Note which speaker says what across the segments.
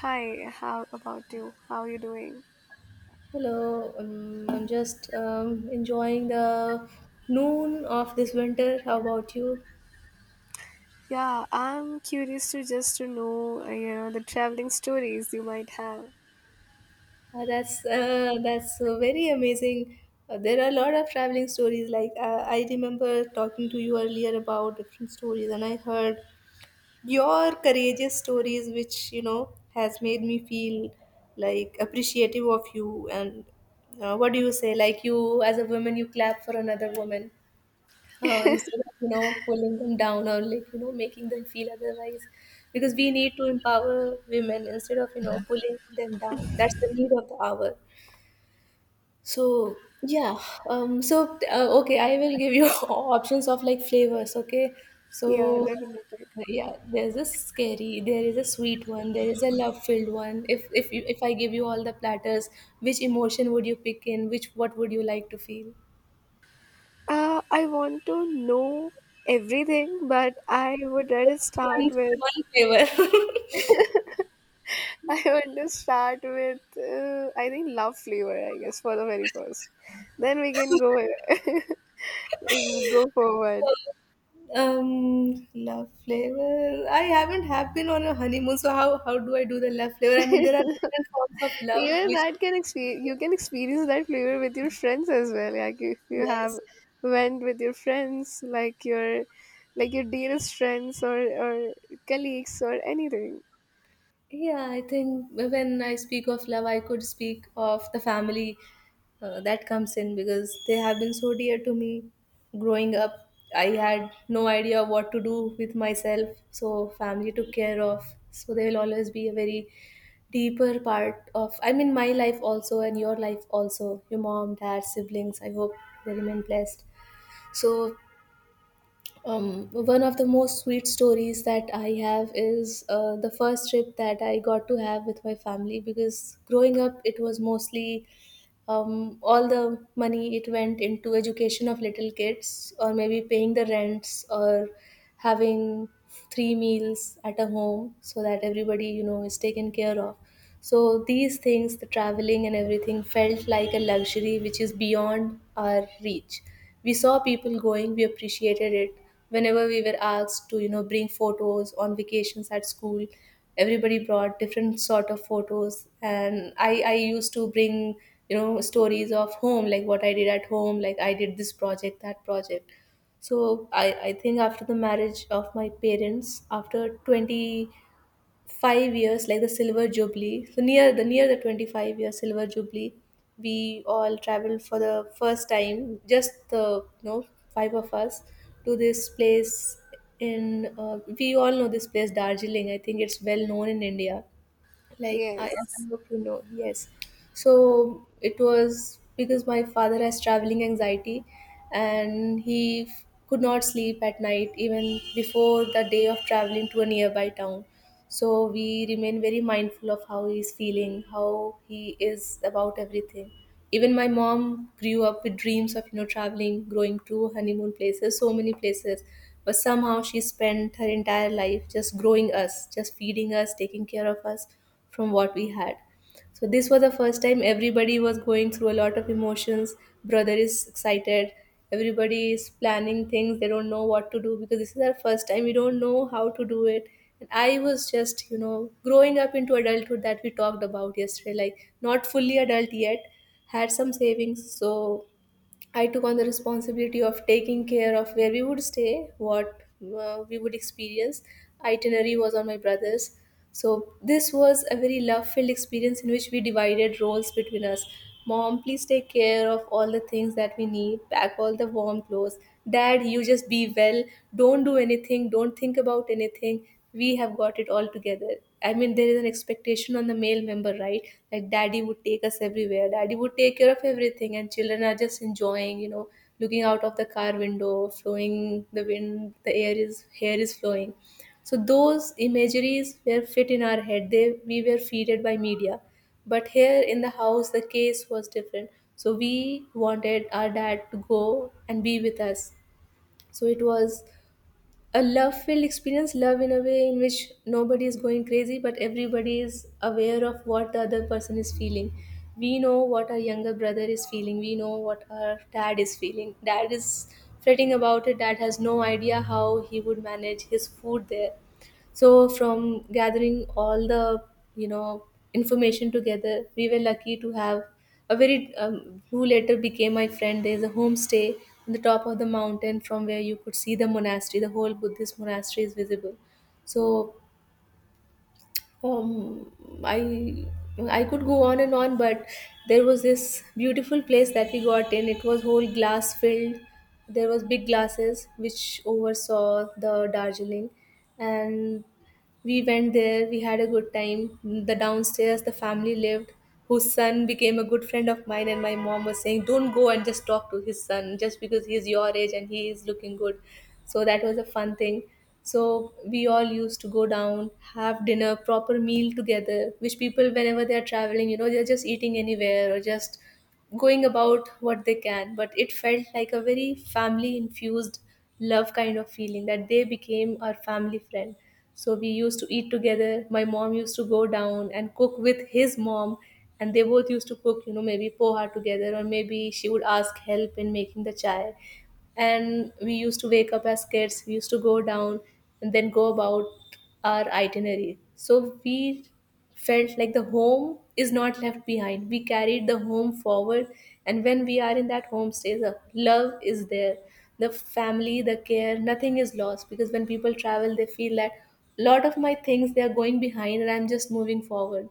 Speaker 1: Hi, how about you? How are you doing?
Speaker 2: Hello, I'm just enjoying the noon of this winter. How about you?
Speaker 1: Yeah, I'm curious to just to know, the traveling stories you might have.
Speaker 2: That's very amazing. There are a lot of traveling stories. Like I remember talking to you earlier about different stories, and I heard your courageous stories, which has made me feel like appreciative of you. And what do you say? Like you, as a woman, you clap for another woman. Instead of pulling them down, or like making them feel otherwise, because we need to empower women instead of pulling them down. That's the need of the hour. So, yeah. So okay, I will give you options of like flavors, okay.
Speaker 1: Yeah,
Speaker 2: So,
Speaker 1: definitely.
Speaker 2: yeah, there's a scary, there is a sweet one, there is a love filled one. If I give you all the platters, which emotion would you pick, in which what would you like to feel?
Speaker 1: I want to know everything, but I would rather start
Speaker 2: one
Speaker 1: with,
Speaker 2: one flavor.
Speaker 1: I want to start with, I think love flavor, I guess, for the very first. Then we can go, go forward.
Speaker 2: Love flavor. I haven't have been on a honeymoon, so how do I do the love flavor? I mean, there are different forms of love,
Speaker 1: Even
Speaker 2: which.
Speaker 1: that can experience, you can experience that flavor with your friends as well. Like if you have
Speaker 2: Yes.
Speaker 1: went with your friends, like your dearest friends or colleagues or anything.
Speaker 2: Yeah, I think when I speak of love, I could speak of the family that comes in, because they have been so dear to me growing up. I had no idea what to do with myself, so family took care of. So they will always be a very deeper part of, I mean, my life also and your life also. Your mom, dad, siblings. I hope they remain blessed. So one of the most sweet stories that I have is the first trip that I got to have with my family, because growing up, it was mostly all the money, it went into education of little kids, or maybe paying the rents, or having three meals at a home so that everybody is taken care of. So these things, the traveling and everything, felt like a luxury which is beyond our reach. We saw people going, we appreciated it. Whenever we were asked to, bring photos on vacations at school, everybody brought different sort of photos, and I used to bring, stories of home, like what I did at home, like I did this project, that project. So I think after the marriage of my parents, after 25 years, like the silver jubilee. So near the 25-year silver jubilee, we all traveled for the first time, just the five of us, to this place in— we all know this place, Darjeeling. I think it's well known in India, like i
Speaker 1: Yes,
Speaker 2: I hope. Yes. So it was because my father has traveling anxiety, and he could not sleep at night, even before the day of traveling to a nearby town. So we remain very mindful of how he's feeling, how he is, about everything. Even my mom grew up with dreams of traveling, going to honeymoon places, so many places. But somehow she spent her entire life just growing us, just feeding us, taking care of us, from what we had. So this was the first time everybody was going through a lot of emotions. Brother is excited. Everybody is planning things. They don't know what to do because this is our first time. We don't know how to do it. And I was just, growing up into adulthood that we talked about yesterday, like not fully adult yet, had some savings. So I took on the responsibility of taking care of where we would stay, what we would experience. Itinerary was on my brother's. So this was a very love-filled experience in which we divided roles between us. Mom, please take care of all the things that we need, pack all the warm clothes. Dad, you just be well. Don't do anything, don't think about anything, we have got it all together. I mean, there is an expectation on the male member, right? Like, daddy would take us everywhere, daddy would take care of everything, and children are just enjoying, looking out of the car window, flowing the wind, the air is, hair is flowing. So, those imageries were fit in our head, they, we were feeded by media. But here in the house, the case was different. So, we wanted our dad to go and be with us. So, it was a love filled experience. Love in a way in which nobody is going crazy, but everybody is aware of what the other person is feeling. We know what our younger brother is feeling, we know what our dad is feeling. Dad is fretting about it. Dad has no idea how he would manage his food there. So from gathering all the you know information together, we were lucky to have a very— who later became my friend. There's a homestay on the top of the mountain from where you could see the monastery. The whole Buddhist monastery is visible. So, um, I I could go on and on, but there was this beautiful place that we got in. It was whole glass filled. There was big glasses which oversaw the Darjeeling, and we went there, we had a good time. The downstairs, the family lived, whose son became a good friend of mine, and my mom was saying, don't go and just talk to his son just because he's your age and he is looking good. So that was a fun thing. So we all used to go down, have dinner, proper meal together, which people, whenever they're traveling, they're just eating anywhere or just going about what they can. But it felt like a very family infused love kind of feeling, that they became our family friend. So we used to eat together, my mom used to go down and cook with his mom, and they both used to cook, maybe poha together, or maybe she would ask help in making the chai. And we used to wake up as kids, we used to go down and then go about our itinerary. So we felt like the home is not left behind, we carried the home forward. And when we are in that home stays, the love is there, the family, the care, nothing is lost. Because when people travel, they feel that lot of my things, they are going behind, and I'm just moving forward.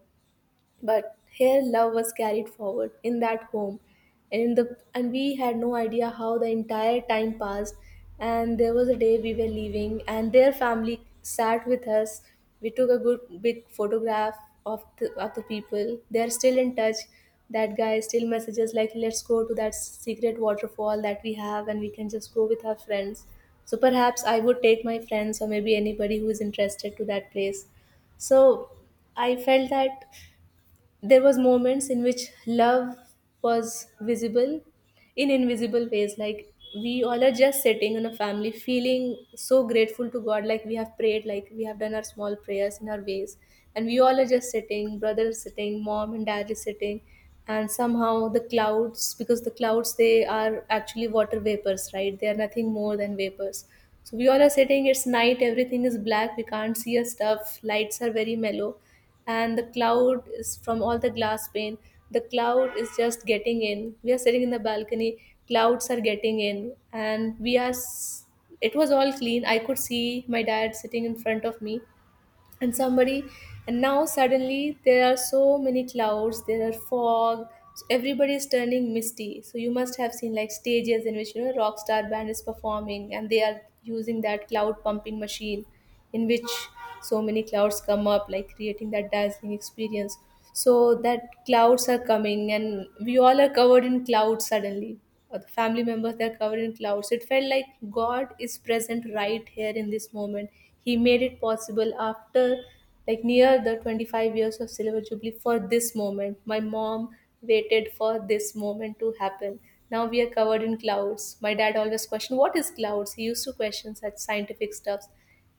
Speaker 2: But here love was carried forward in that home. And in the and we had no idea how the entire time passed. And there was a day we were leaving, and their family sat with us. We took a good big photograph of the people. They are still in touch. That guy still messages, like, let's go to that secret waterfall that we have, and we can just go with our friends. So perhaps I would take my friends, or maybe anybody who is interested, to that place. So I felt that there was moments in which love was visible in invisible ways. Like, we all are just sitting in a family, feeling so grateful to God, like we have prayed, like we have done our small prayers in our ways. And we all are just sitting, brother is sitting, mom and dad is sitting. And somehow the clouds, because the clouds, they are actually water vapors, right, they are nothing more than vapors. So we all are sitting, it's night, everything is black, we can't see a stuff, lights are very mellow. And the cloud is from all the glass pane, the cloud is just getting in, we are sitting in the balcony. Clouds are getting in, and it was all clean. I could see my dad sitting in front of me, and somebody. And now suddenly there are so many clouds, there are fog. So everybody is turning misty. So you must have seen like stages in which rock star band is performing, and they are using that cloud pumping machine in which so many clouds come up, like creating that dazzling experience. So that clouds are coming, and we all are covered in clouds suddenly, or the family members, they're covered in clouds. It felt like God is present right here in this moment. He made it possible after like near the 25 years of silver jubilee. For this moment my mom waited, for this moment to happen. Now we are covered in clouds. My dad always questioned, what is clouds, he used to question such scientific stuffs.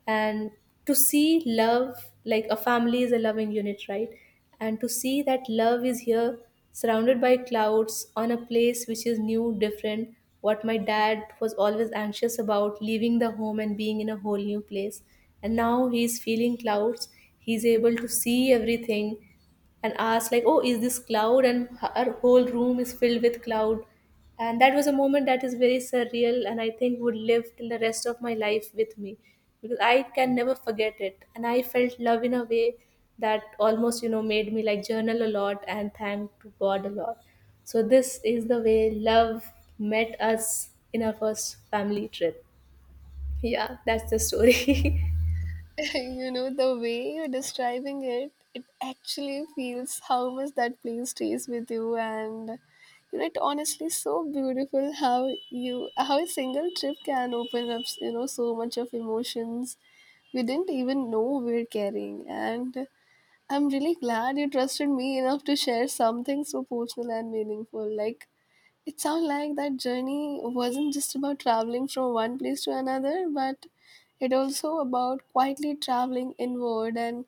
Speaker 2: And to see love, like a family is a loving unit, right? And to see that love is here, surrounded by clouds, on a place which is new, different. What my dad was always anxious about, leaving the home and being in a Whole new place, and now he's feeling clouds. He's able to see everything and asked like, oh, is this cloud? And her whole room is filled with cloud. And that was a moment that is very surreal, and I think would live till the rest of my life with me, because I can never forget it. And I felt love in a way that almost made me like journal a lot and thank to god a lot. So this is the way love met us in our first family trip. Yeah, that's the story.
Speaker 1: you know the way you're describing it, it actually feels how much that place stays with you, and you know it honestly so beautiful how you how a single trip can open up you know so much of emotions we didn't even know we're carrying. And I'm really glad you trusted me enough to share something so personal and meaningful. Like, it sounds like that journey wasn't just about traveling from one place to another, but it also about quietly traveling inward. And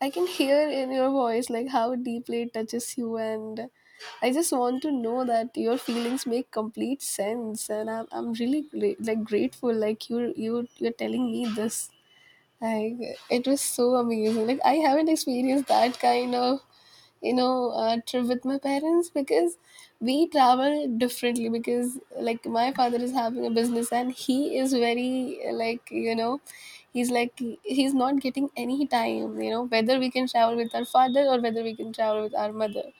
Speaker 1: I can hear in your voice, like, how deeply it touches you. And I just want to know that your feelings make complete sense. And I'm really great, like grateful, like, you're telling me this. Like it was so amazing. Like I haven't experienced that kind of trip with my parents because we travel differently. Because like my father is having a business and he is very like you know he's like he's not getting any time. You know whether we can travel with our father or whether we can travel with our mother.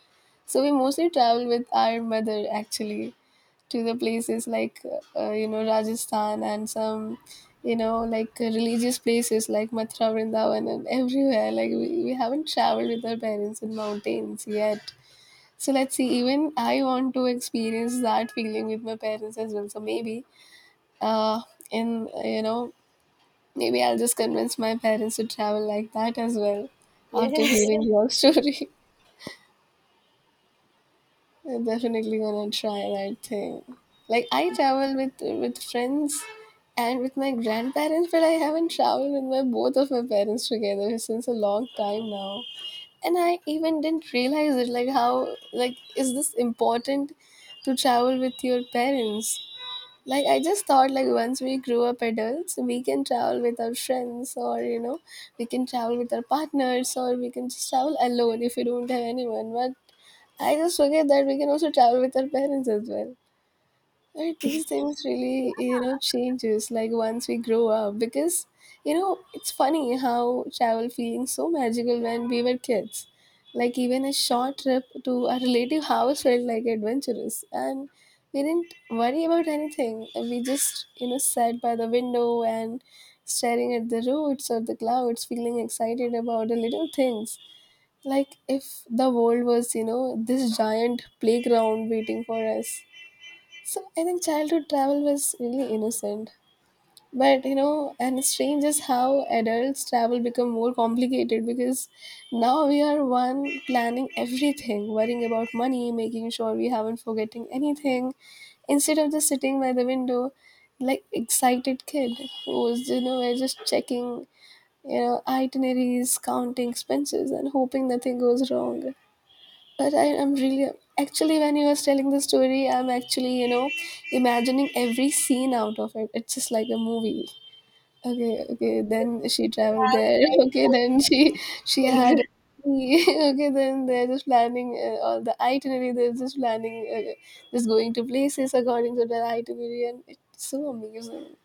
Speaker 1: So we mostly travel with our mother actually to the places like you know Rajasthan and some you know like religious places like Mathura, Vrindavan, and everywhere. Like we haven't traveled with our parents in mountains yet. So let's see. Even I want to experience that feeling with my parents as well. So maybe uh, in you know maybe I'll just convince my parents to travel like that as well after
Speaker 2: Yes.
Speaker 1: hearing your story. I'm definitely gonna try that thing. Like I travel with friends and with my grandparents, but I haven't traveled with my both of my parents together since a long time now. And I even didn't realize it. Like how like is this important to travel with your parents? Like I just thought like once we grew up adults, we can travel with our friends or you know we can travel with our partners or we can just travel alone if we don't have anyone. But I just forget that we can also travel with our parents as well. Right? These things really, you know, changes like once we grow up because, you know, it's funny how travel feeling so magical when we were kids. Like even a short trip to a relative house felt like adventurous and we didn't worry about anything. And we just, you know, sat by the window and staring at the roads or the clouds, feeling excited about the little things like if the world was you know this giant playground waiting for us. So I think childhood travel was really innocent, but you know and it's strange is how adults travel become more complicated because now we are one planning everything, worrying about money, making sure we haven't forgetting anything, instead of just sitting by the window like excited kid who was you know we're just checking you know itineraries, counting expenses, and hoping nothing goes wrong. But I'm really actually when he was telling the story, I'm actually you know imagining every scene out of it. It's just like a movie. Okay, okay.
Speaker 2: Yes,
Speaker 1: Then she
Speaker 2: because you
Speaker 1: traveled
Speaker 2: have a
Speaker 1: there.
Speaker 2: great
Speaker 1: Okay,
Speaker 2: power
Speaker 1: then she
Speaker 2: of
Speaker 1: had.
Speaker 2: imagination.
Speaker 1: Okay, then they're just planning all the itinerary. They're just planning, just going to places according to the itinerary, and it's so amazing.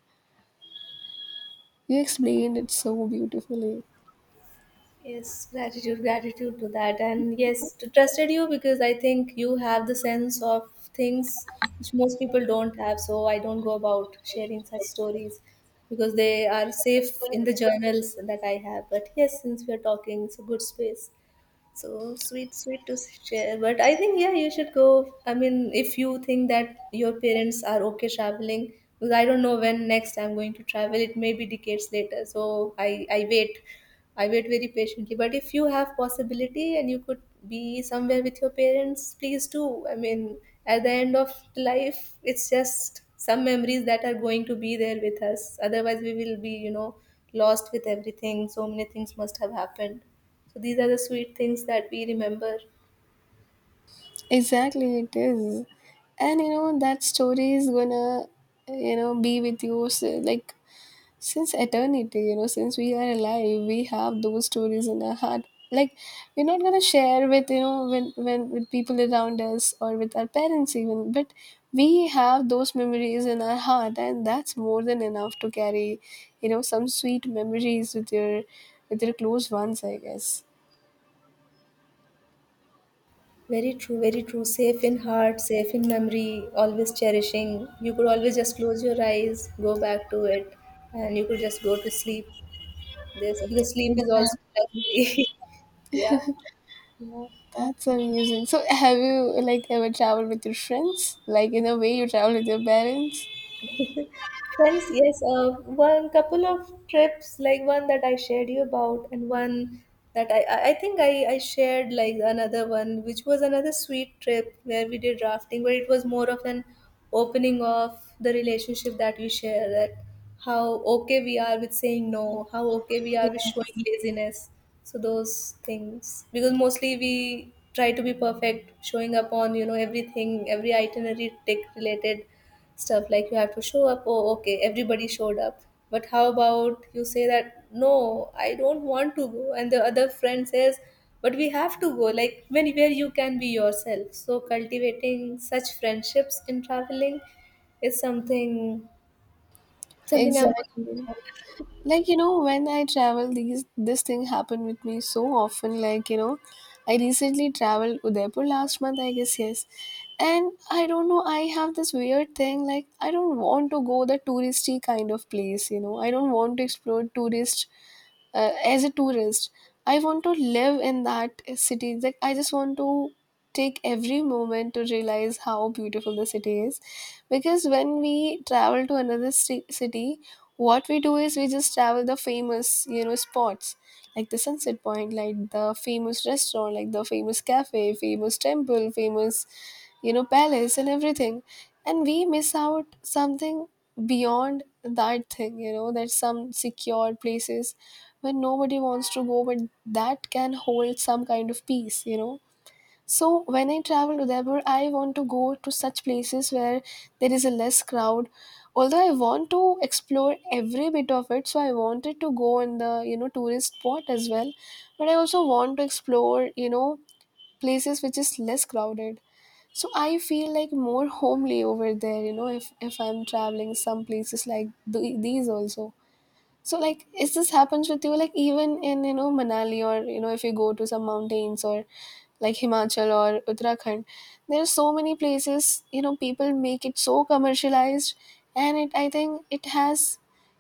Speaker 1: You explained it so beautifully.
Speaker 2: Yes, gratitude, gratitude to that. And yes, to trusted you, because I think you have the sense of things which most people don't have. So I don't go about sharing such stories, because they are safe in the journals that I have. But yes, since we are talking, it's a good space. So sweet, sweet to share. But I think, yeah, you should go. I mean, if you think that your parents are okay traveling, because I don't know when next I'm going to travel, it may be decades later. So I wait. I wait very patiently. But if you have possibility and you could be somewhere with your parents, please do. I mean, at the end of life, it's just some memories that are going to be there with us. Otherwise, we will be, you know, lost with everything. So many things must have happened. So these are the sweet things that we remember.
Speaker 1: Exactly, it is. And you know, that story is gonna, you know, be with you s like since eternity, you know, since we are alive, we have those stories in our heart. Like, we're not gonna share with, you know, when with people around us or with our parents even, but we have those memories in our heart, and that's more than enough to carry, you know, some sweet memories with your close ones, I guess.
Speaker 2: Very true, very true. Safe in heart, safe in memory, always cherishing. You could always just close your eyes, go back to it, and you could just go to sleep. This because sleep is also
Speaker 1: Exactly.
Speaker 2: luxury. Yeah. Yeah.
Speaker 1: That's amazing. So, have you like ever traveled with your friends? Like in a way, you travel with your parents.
Speaker 2: Friends, yes, one couple of trips, like one that I shared you about, and one that I think I shared like another one, which was another sweet trip where we did rafting, where it was more of an opening of the relationship that we share, that how okay we are with saying no, how okay we
Speaker 1: Yeah,
Speaker 2: are with showing laziness. So those things, because mostly we try to be perfect, showing up on, you know, everything, every itinerary tick related stuff. Like, you have to show up. Oh, okay, everybody showed up. But how about you say that, no, I don't want to go, and the other friend says, but we have to go. Like, when where you can be yourself? So cultivating such friendships in traveling is something, something I'm
Speaker 1: exactly. Like you know, when I travel, these this thing happened with me so often. Like you know, I recently traveled Udaipur last month. I guess yes, and I don't know. I have this weird thing. Like I don't want to go the touristy kind of place. You know, I don't want to explore tourist as a tourist. I want to live in that city, like I just want to take every moment to realize how beautiful the city is, because when we travel to another city, what we do is we just travel the famous you know spots like the sunset point, like the famous restaurant, like the famous cafe, famous temple, famous you know palace and everything, and we miss out something beyond that thing, you know, that some secured places when nobody wants to go, but that can hold some kind of peace, you know. So when I travel to Udaipur, I want to go to such places where there is a less crowd. Although I want to explore every bit of it, so I wanted to go in the you know tourist spot as well, but I also want to explore you know places which is less crowded. So I feel like more homely over there, you know, if I'm traveling some places like these also. So like is this happens with you like even in you know Manali or you know if you go to some mountains or like Himachal or Uttarakhand, there are so many places you know people make it so commercialized, and it I think it has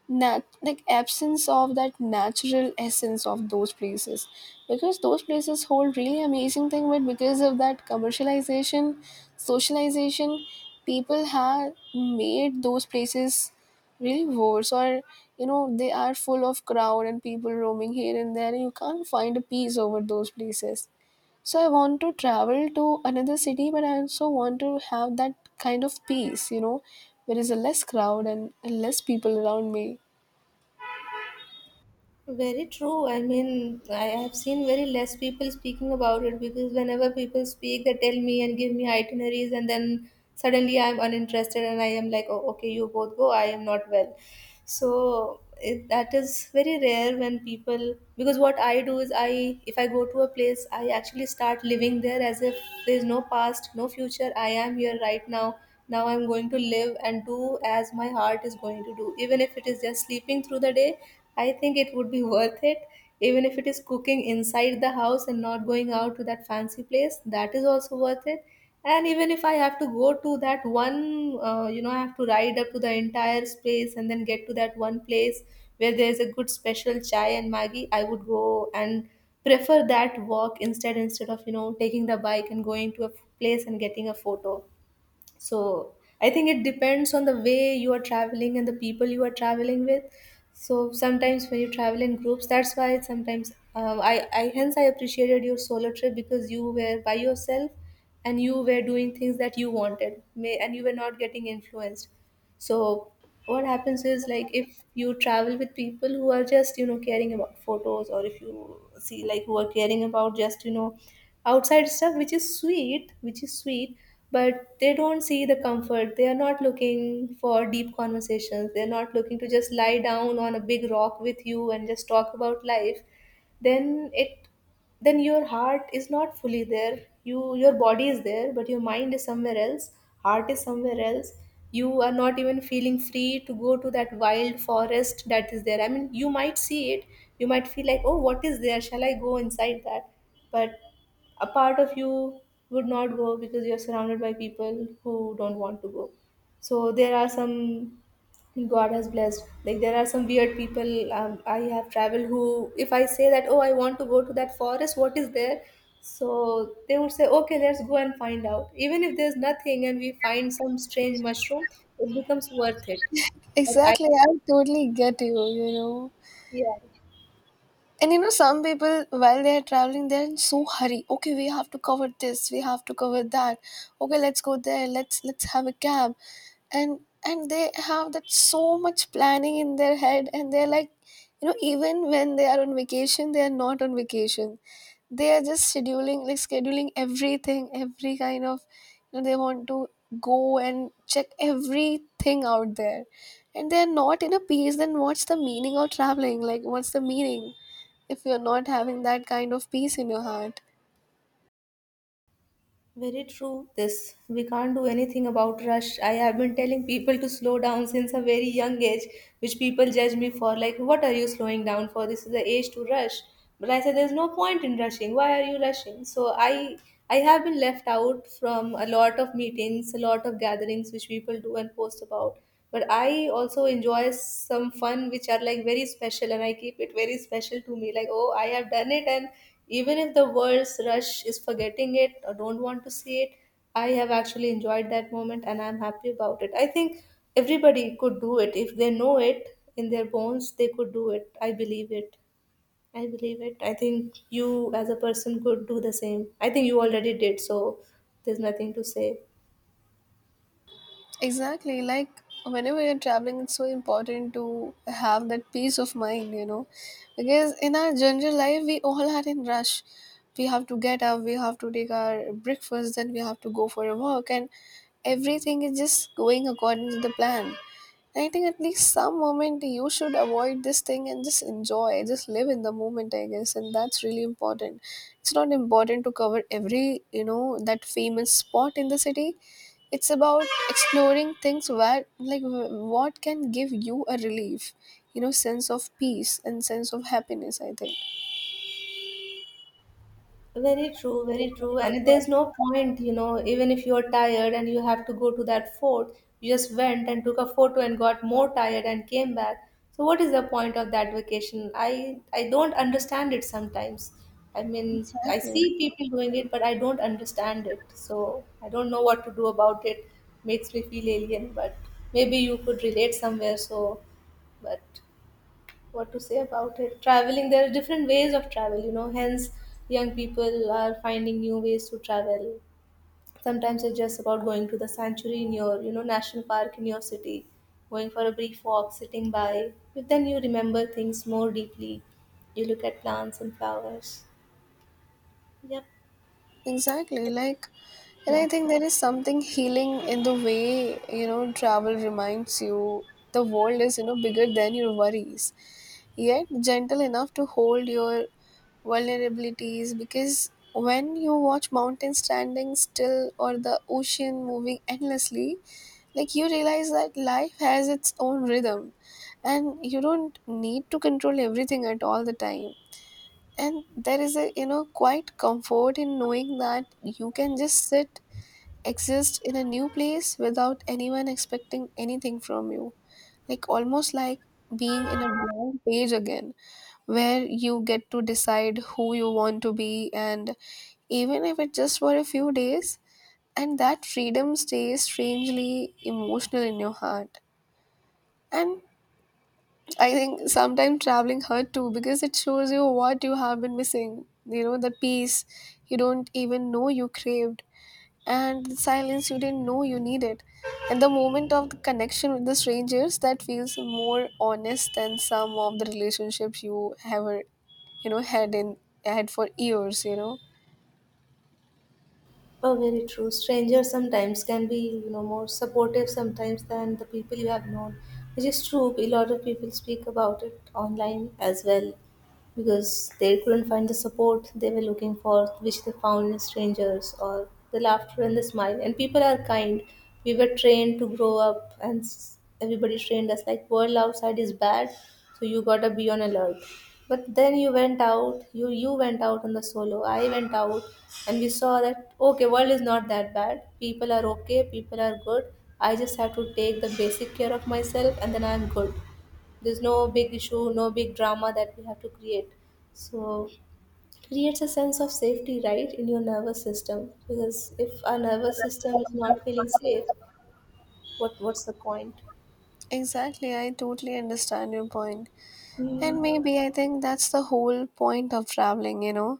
Speaker 1: like absence of that natural essence of those places because those places hold really amazing thing, but because of that commercialization, socialization, people have made those places really worse, or you know they are full of crowd and people roaming here and there and you can't find a peace over those places. So I want to travel to another city, but I also want to have that kind of peace, you know, there is a less crowd and less people around me.
Speaker 2: very true. I mean, I have seen very less people speaking about it, because whenever people speak, they tell me and give me itineraries, and then suddenly I'm uninterested and I am like, oh, okay, you both go, I am not well. So it, that is very rare. When people, because what I do is I, if I go to a place, I actually start living there as if there's no past, no future, I am here right now. Now I'm going to live and do as my heart is going to do, even if it is just sleeping through the day. I think it would be worth it. Even if it is cooking inside the house and not going out to that fancy place, that is also worth it. And even if I have to go to that one, you know, I have to ride up to the entire space and then get to that one place where there's a good special chai and maggi, I would go and prefer that walk instead of, you know, taking the bike and going to a place and getting a photo. So I think it depends on the way you are traveling and the people you are traveling with. So sometimes when you travel in groups, that's why sometimes, I hence I appreciated your solo trip, because you were by yourself and you were doing things that you wanted may, and you were not getting influenced. So what happens is, like, if you travel with people who are just, you know, caring about photos, or if you see like who are caring about just, you know, outside stuff, which is sweet, but they don't see the comfort. They are not looking for deep conversations. They're not looking to just lie down on a big rock with you and just talk about life. Then it, then your heart is not fully there. You, your body is there, but your mind is somewhere else. Heart is somewhere else. You are not even feeling free to go to that wild forest that is there. I mean, you might see it, you might feel like, oh, what is there, shall I go inside that? But a part of you would not go because you're surrounded by people who don't want to go. So there are some, God has blessed. Like, there are some weird people, I have traveled, who, if I say that, oh, I want to go to that forest, what is there? So they would say, okay, let's go and find out. Even if there's nothing and we find some strange mushroom, it becomes worth it. But I,
Speaker 1: Exactly, I totally get you, you know.
Speaker 2: yeah.
Speaker 1: And you know, some people, while they are traveling, they're in so hurry. Okay, we have to cover this. We have to cover that. Okay, let's go there. Let's have a cab, and and they have that so much planning in their head, and they're like, you know, even when they are on vacation, they are not on vacation. They are just scheduling, like scheduling everything, every kind of, you know, they want to go and check everything out there, and they are not in a peace. Then what's the meaning of traveling? Like, what's the meaning if you're not having that kind of peace in your heart?
Speaker 2: Very true. This we can't do anything about rush. I have been telling people to slow down since a very young age, which people judge me for. Like, what are you slowing down for? This is the age to rush. But I said, there's no point in rushing. Why are you rushing? So I have been left out from a lot of meetings, a lot of gatherings which people do and post about. But I also enjoy some fun which are like very special, and I keep it very special to me. Like, oh, I have done it, and even if the world's rush is forgetting it or don't want to see it, I have actually enjoyed that moment and I'm happy about it. I think everybody could do it. If they know it in their bones, they could do it. I believe it. I believe it. I think you as a person could do the same. I think you already did, so there's nothing to say.
Speaker 1: Exactly, like whenever you're traveling, it's so important to have that peace of mind, you know, because in our general life, we all are in rush. We have to get up, we have to take our breakfast, then we have to go for a walk, and everything is just going according to the plan. I think at least some moment you should avoid this thing and just enjoy, just live in the moment, I guess, and that's really important. It's not important to cover every, you know, that famous spot in the city. It's about exploring things where, like, what can give you a relief, you know, sense of peace and sense of happiness. I think
Speaker 2: Very true, very true. And there's no point, you know, even if you're tired and you have to go to that fort, you just went and took a photo and got more tired and came back. So what is the point of that vacation? I don't understand it sometimes. I mean, I see
Speaker 1: exactly.
Speaker 2: people doing it, but I don't understand it. So I don't know what to do about it. Makes me feel alien, but maybe you could relate somewhere, so but what to say about it. Traveling, there are different ways of travel, you know, hence young people are finding new ways to travel. Sometimes it's just about going to the sanctuary in your, you know, national park in your city, going for a brief walk, sitting by, but then you remember things more deeply. You look at plants and flowers. Yep.
Speaker 1: Exactly. Like, and
Speaker 2: Yeah.
Speaker 1: I think there is something healing in the way, you know, travel reminds you the world is, you know, bigger than your worries, yet gentle enough to hold your vulnerabilities. Because when you watch mountains standing still or the ocean moving endlessly, like, you realize that life has its own rhythm and you don't need to control everything at all the time. And there is a quite comfort in knowing that you can just sit, exist in a new place without anyone expecting anything from you, like almost like being in a blank page again, where you get to decide who you want to be, and even if it's just for a few days, and that freedom stays strangely emotional in your heart. And I think sometimes traveling hurt too, because it shows you what you have been missing. You know, the peace you don't even know you craved, and the silence you didn't know you needed. And the moment of the connection with the strangers that feels more honest than some of the relationships you ever, you know, had for years, you know.
Speaker 2: Oh, very true. Strangers sometimes can be, you know, more supportive sometimes than the people you have known, which is true. A lot of people speak about it online as well, because they couldn't find the support they were looking for, which they found in strangers, or the laughter and the smile. And people are kind. We were trained to grow up and everybody trained us like world outside is bad, so you gotta be on alert. But then you went out, you went out on the solo, I went out, and we saw that, okay, world is not that bad, people are okay, people are good. I just have to take the basic care of myself and then I'm good. There's no big issue, no big drama that we have to create. So it creates a sense of safety, right, in your nervous system, because if our nervous system is not feeling safe, what's the point?
Speaker 1: Exactly, I totally understand your point. And maybe I think that's the whole point of traveling, you know.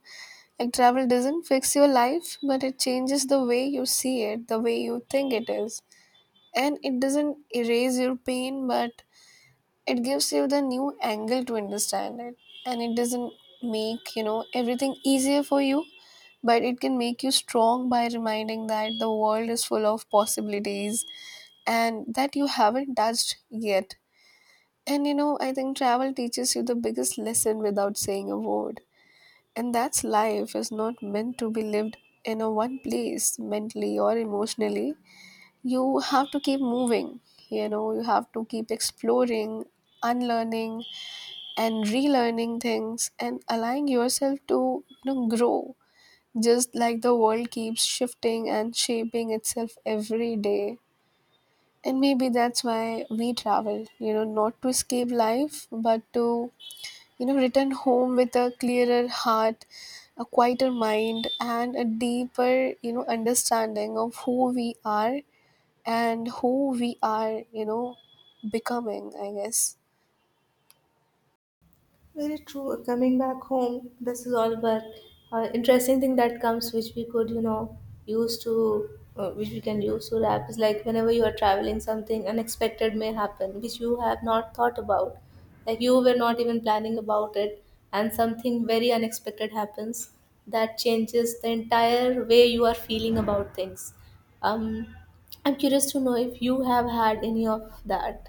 Speaker 1: Like, travel doesn't fix your life, but it changes the way you see it, the way you think it is. And it doesn't erase your pain, but it gives you the new angle to understand it. And it doesn't make, you know, everything easier for you, but it can make you strong by reminding that the world is full of possibilities, and that you haven't touched yet. And you know, I think travel teaches you the biggest lesson without saying a word. And that's life is not meant to be lived in a one place mentally or emotionally. You have to keep moving, you know, you have to keep exploring, unlearning and relearning things, and allowing yourself to, you know, grow, just like the world keeps shifting and shaping itself every day. And maybe that's why we travel, you know, not to escape life, but to, you know, return home with a clearer heart, a quieter mind, and a deeper, you know, understanding of who we are and who we are, you know, becoming, I guess.
Speaker 2: Very true. Coming back home, this is all but, interesting thing that comes, which we could, you know, use to, which we can use to wrap, is like whenever you are traveling, something unexpected may happen, which you have not thought about, like you were not even planning about it, and something very unexpected happens that changes the entire way you are feeling about things. Um, I'm curious to know if you have had any of that,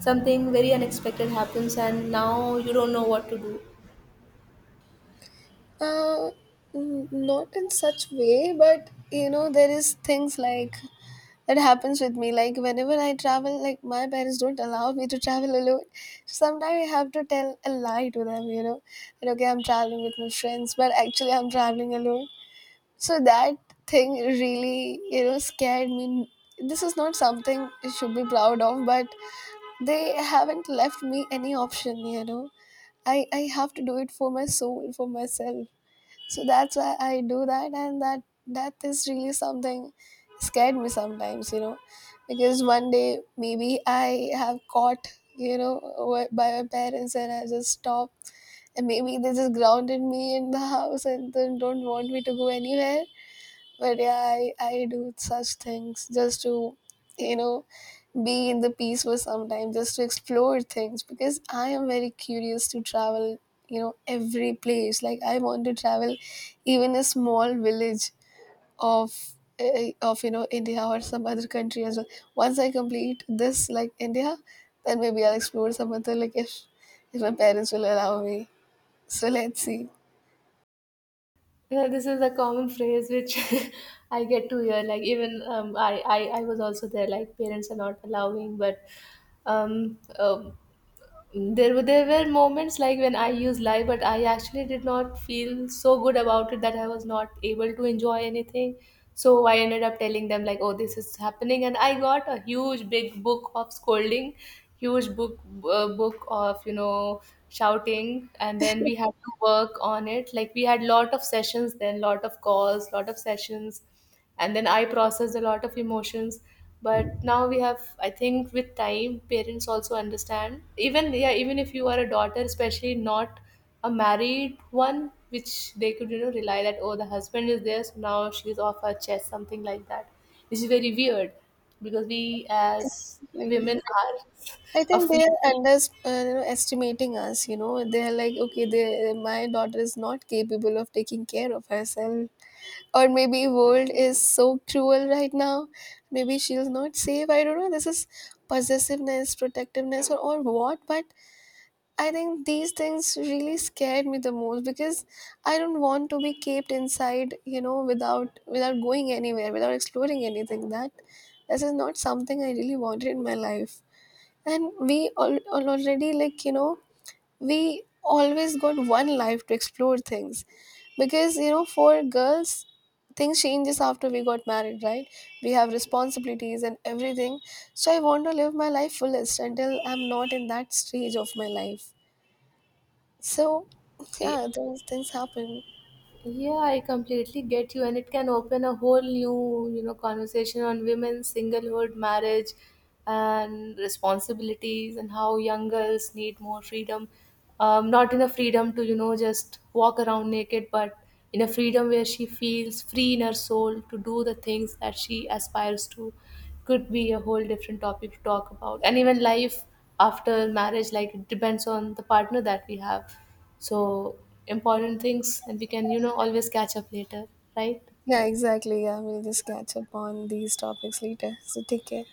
Speaker 2: something very unexpected happens and now you don't know what to do.
Speaker 1: Uh, n- not in such way, but, you know, there is things like that happens with me. Like whenever I travel, like my parents don't allow me to travel alone. Sometimes I have to tell a lie to them, you know, that okay, I'm traveling with my friends, but actually I'm traveling alone. So that thing really, you know, scared me. This is not something I should be proud of, but they haven't left me any option, you know. I have to do it for my soul, for myself. So that's why I do that, and that is really something scared me sometimes, you know. Because one day maybe I have caught, you know, by my parents and I just stop, and maybe they just grounded me in the house and then don't want me to go anywhere. But yeah, I do such things just to, you know, be in the peace for some time, just to explore things, because I am very curious to travel, you know, every place. Like I want to travel even a small village of of, you know, India or some other country as well. Once I complete this, like India, then maybe I'll explore some other, like, if my parents will allow me. So let's see.
Speaker 2: Yeah, this is a common phrase which I get to hear. Like even, I was also there. Like, parents are not allowing, but um, um, there were moments like when I used lie, but I actually did not feel so good about it that I was not able to enjoy anything. So I ended up telling them like, oh, this is happening, and I got a huge big book of scolding, huge book, book of, you know, shouting, and then we had to work on it. Like, we had lot of sessions, then lot of calls, lot of sessions, and then I processed a lot of emotions. But now we have, I think, with time, parents also understand. Even, yeah, even if you are a daughter, especially not a married one, which they could, you know, rely that, oh, the husband is there, so now she's off her chest, something like that, which is very weird, because we as
Speaker 1: Like,
Speaker 2: women are
Speaker 1: I think they
Speaker 2: afraid.
Speaker 1: are you know, estimating us. You know, they are like, okay, my daughter is not capable of taking care of herself, or maybe world is so cruel right now. Maybe she's not safe. I don't know. This is possessiveness, protectiveness, or what. But I think these things really scared me the most, because I don't want to be kept inside. You know, without going anywhere, without exploring anything. That this is not something I really wanted in my life. And we all, already, like, you know, we always got one life to explore things, because you know, for girls, things changes after we got married, right? We have responsibilities and everything. So I want to live my life fullest until I'm not in that stage of my life. So
Speaker 2: Yeah.
Speaker 1: yeah, those things happen.
Speaker 2: Yeah, I completely get you, and it can open a whole new, you know, conversation on women's singlehood, marriage, and responsibilities, and how young girls need more freedom. Not in a freedom to, you know, just walk around naked, but in a freedom where she feels free in her soul to do the things that she aspires to. Could be a whole different topic to talk about, and even life after marriage, like, it depends on the partner that we have. So important things, and we can, you know, always catch up later, right?
Speaker 1: Yeah, exactly, yeah, we'll just catch up on these topics later. So take care.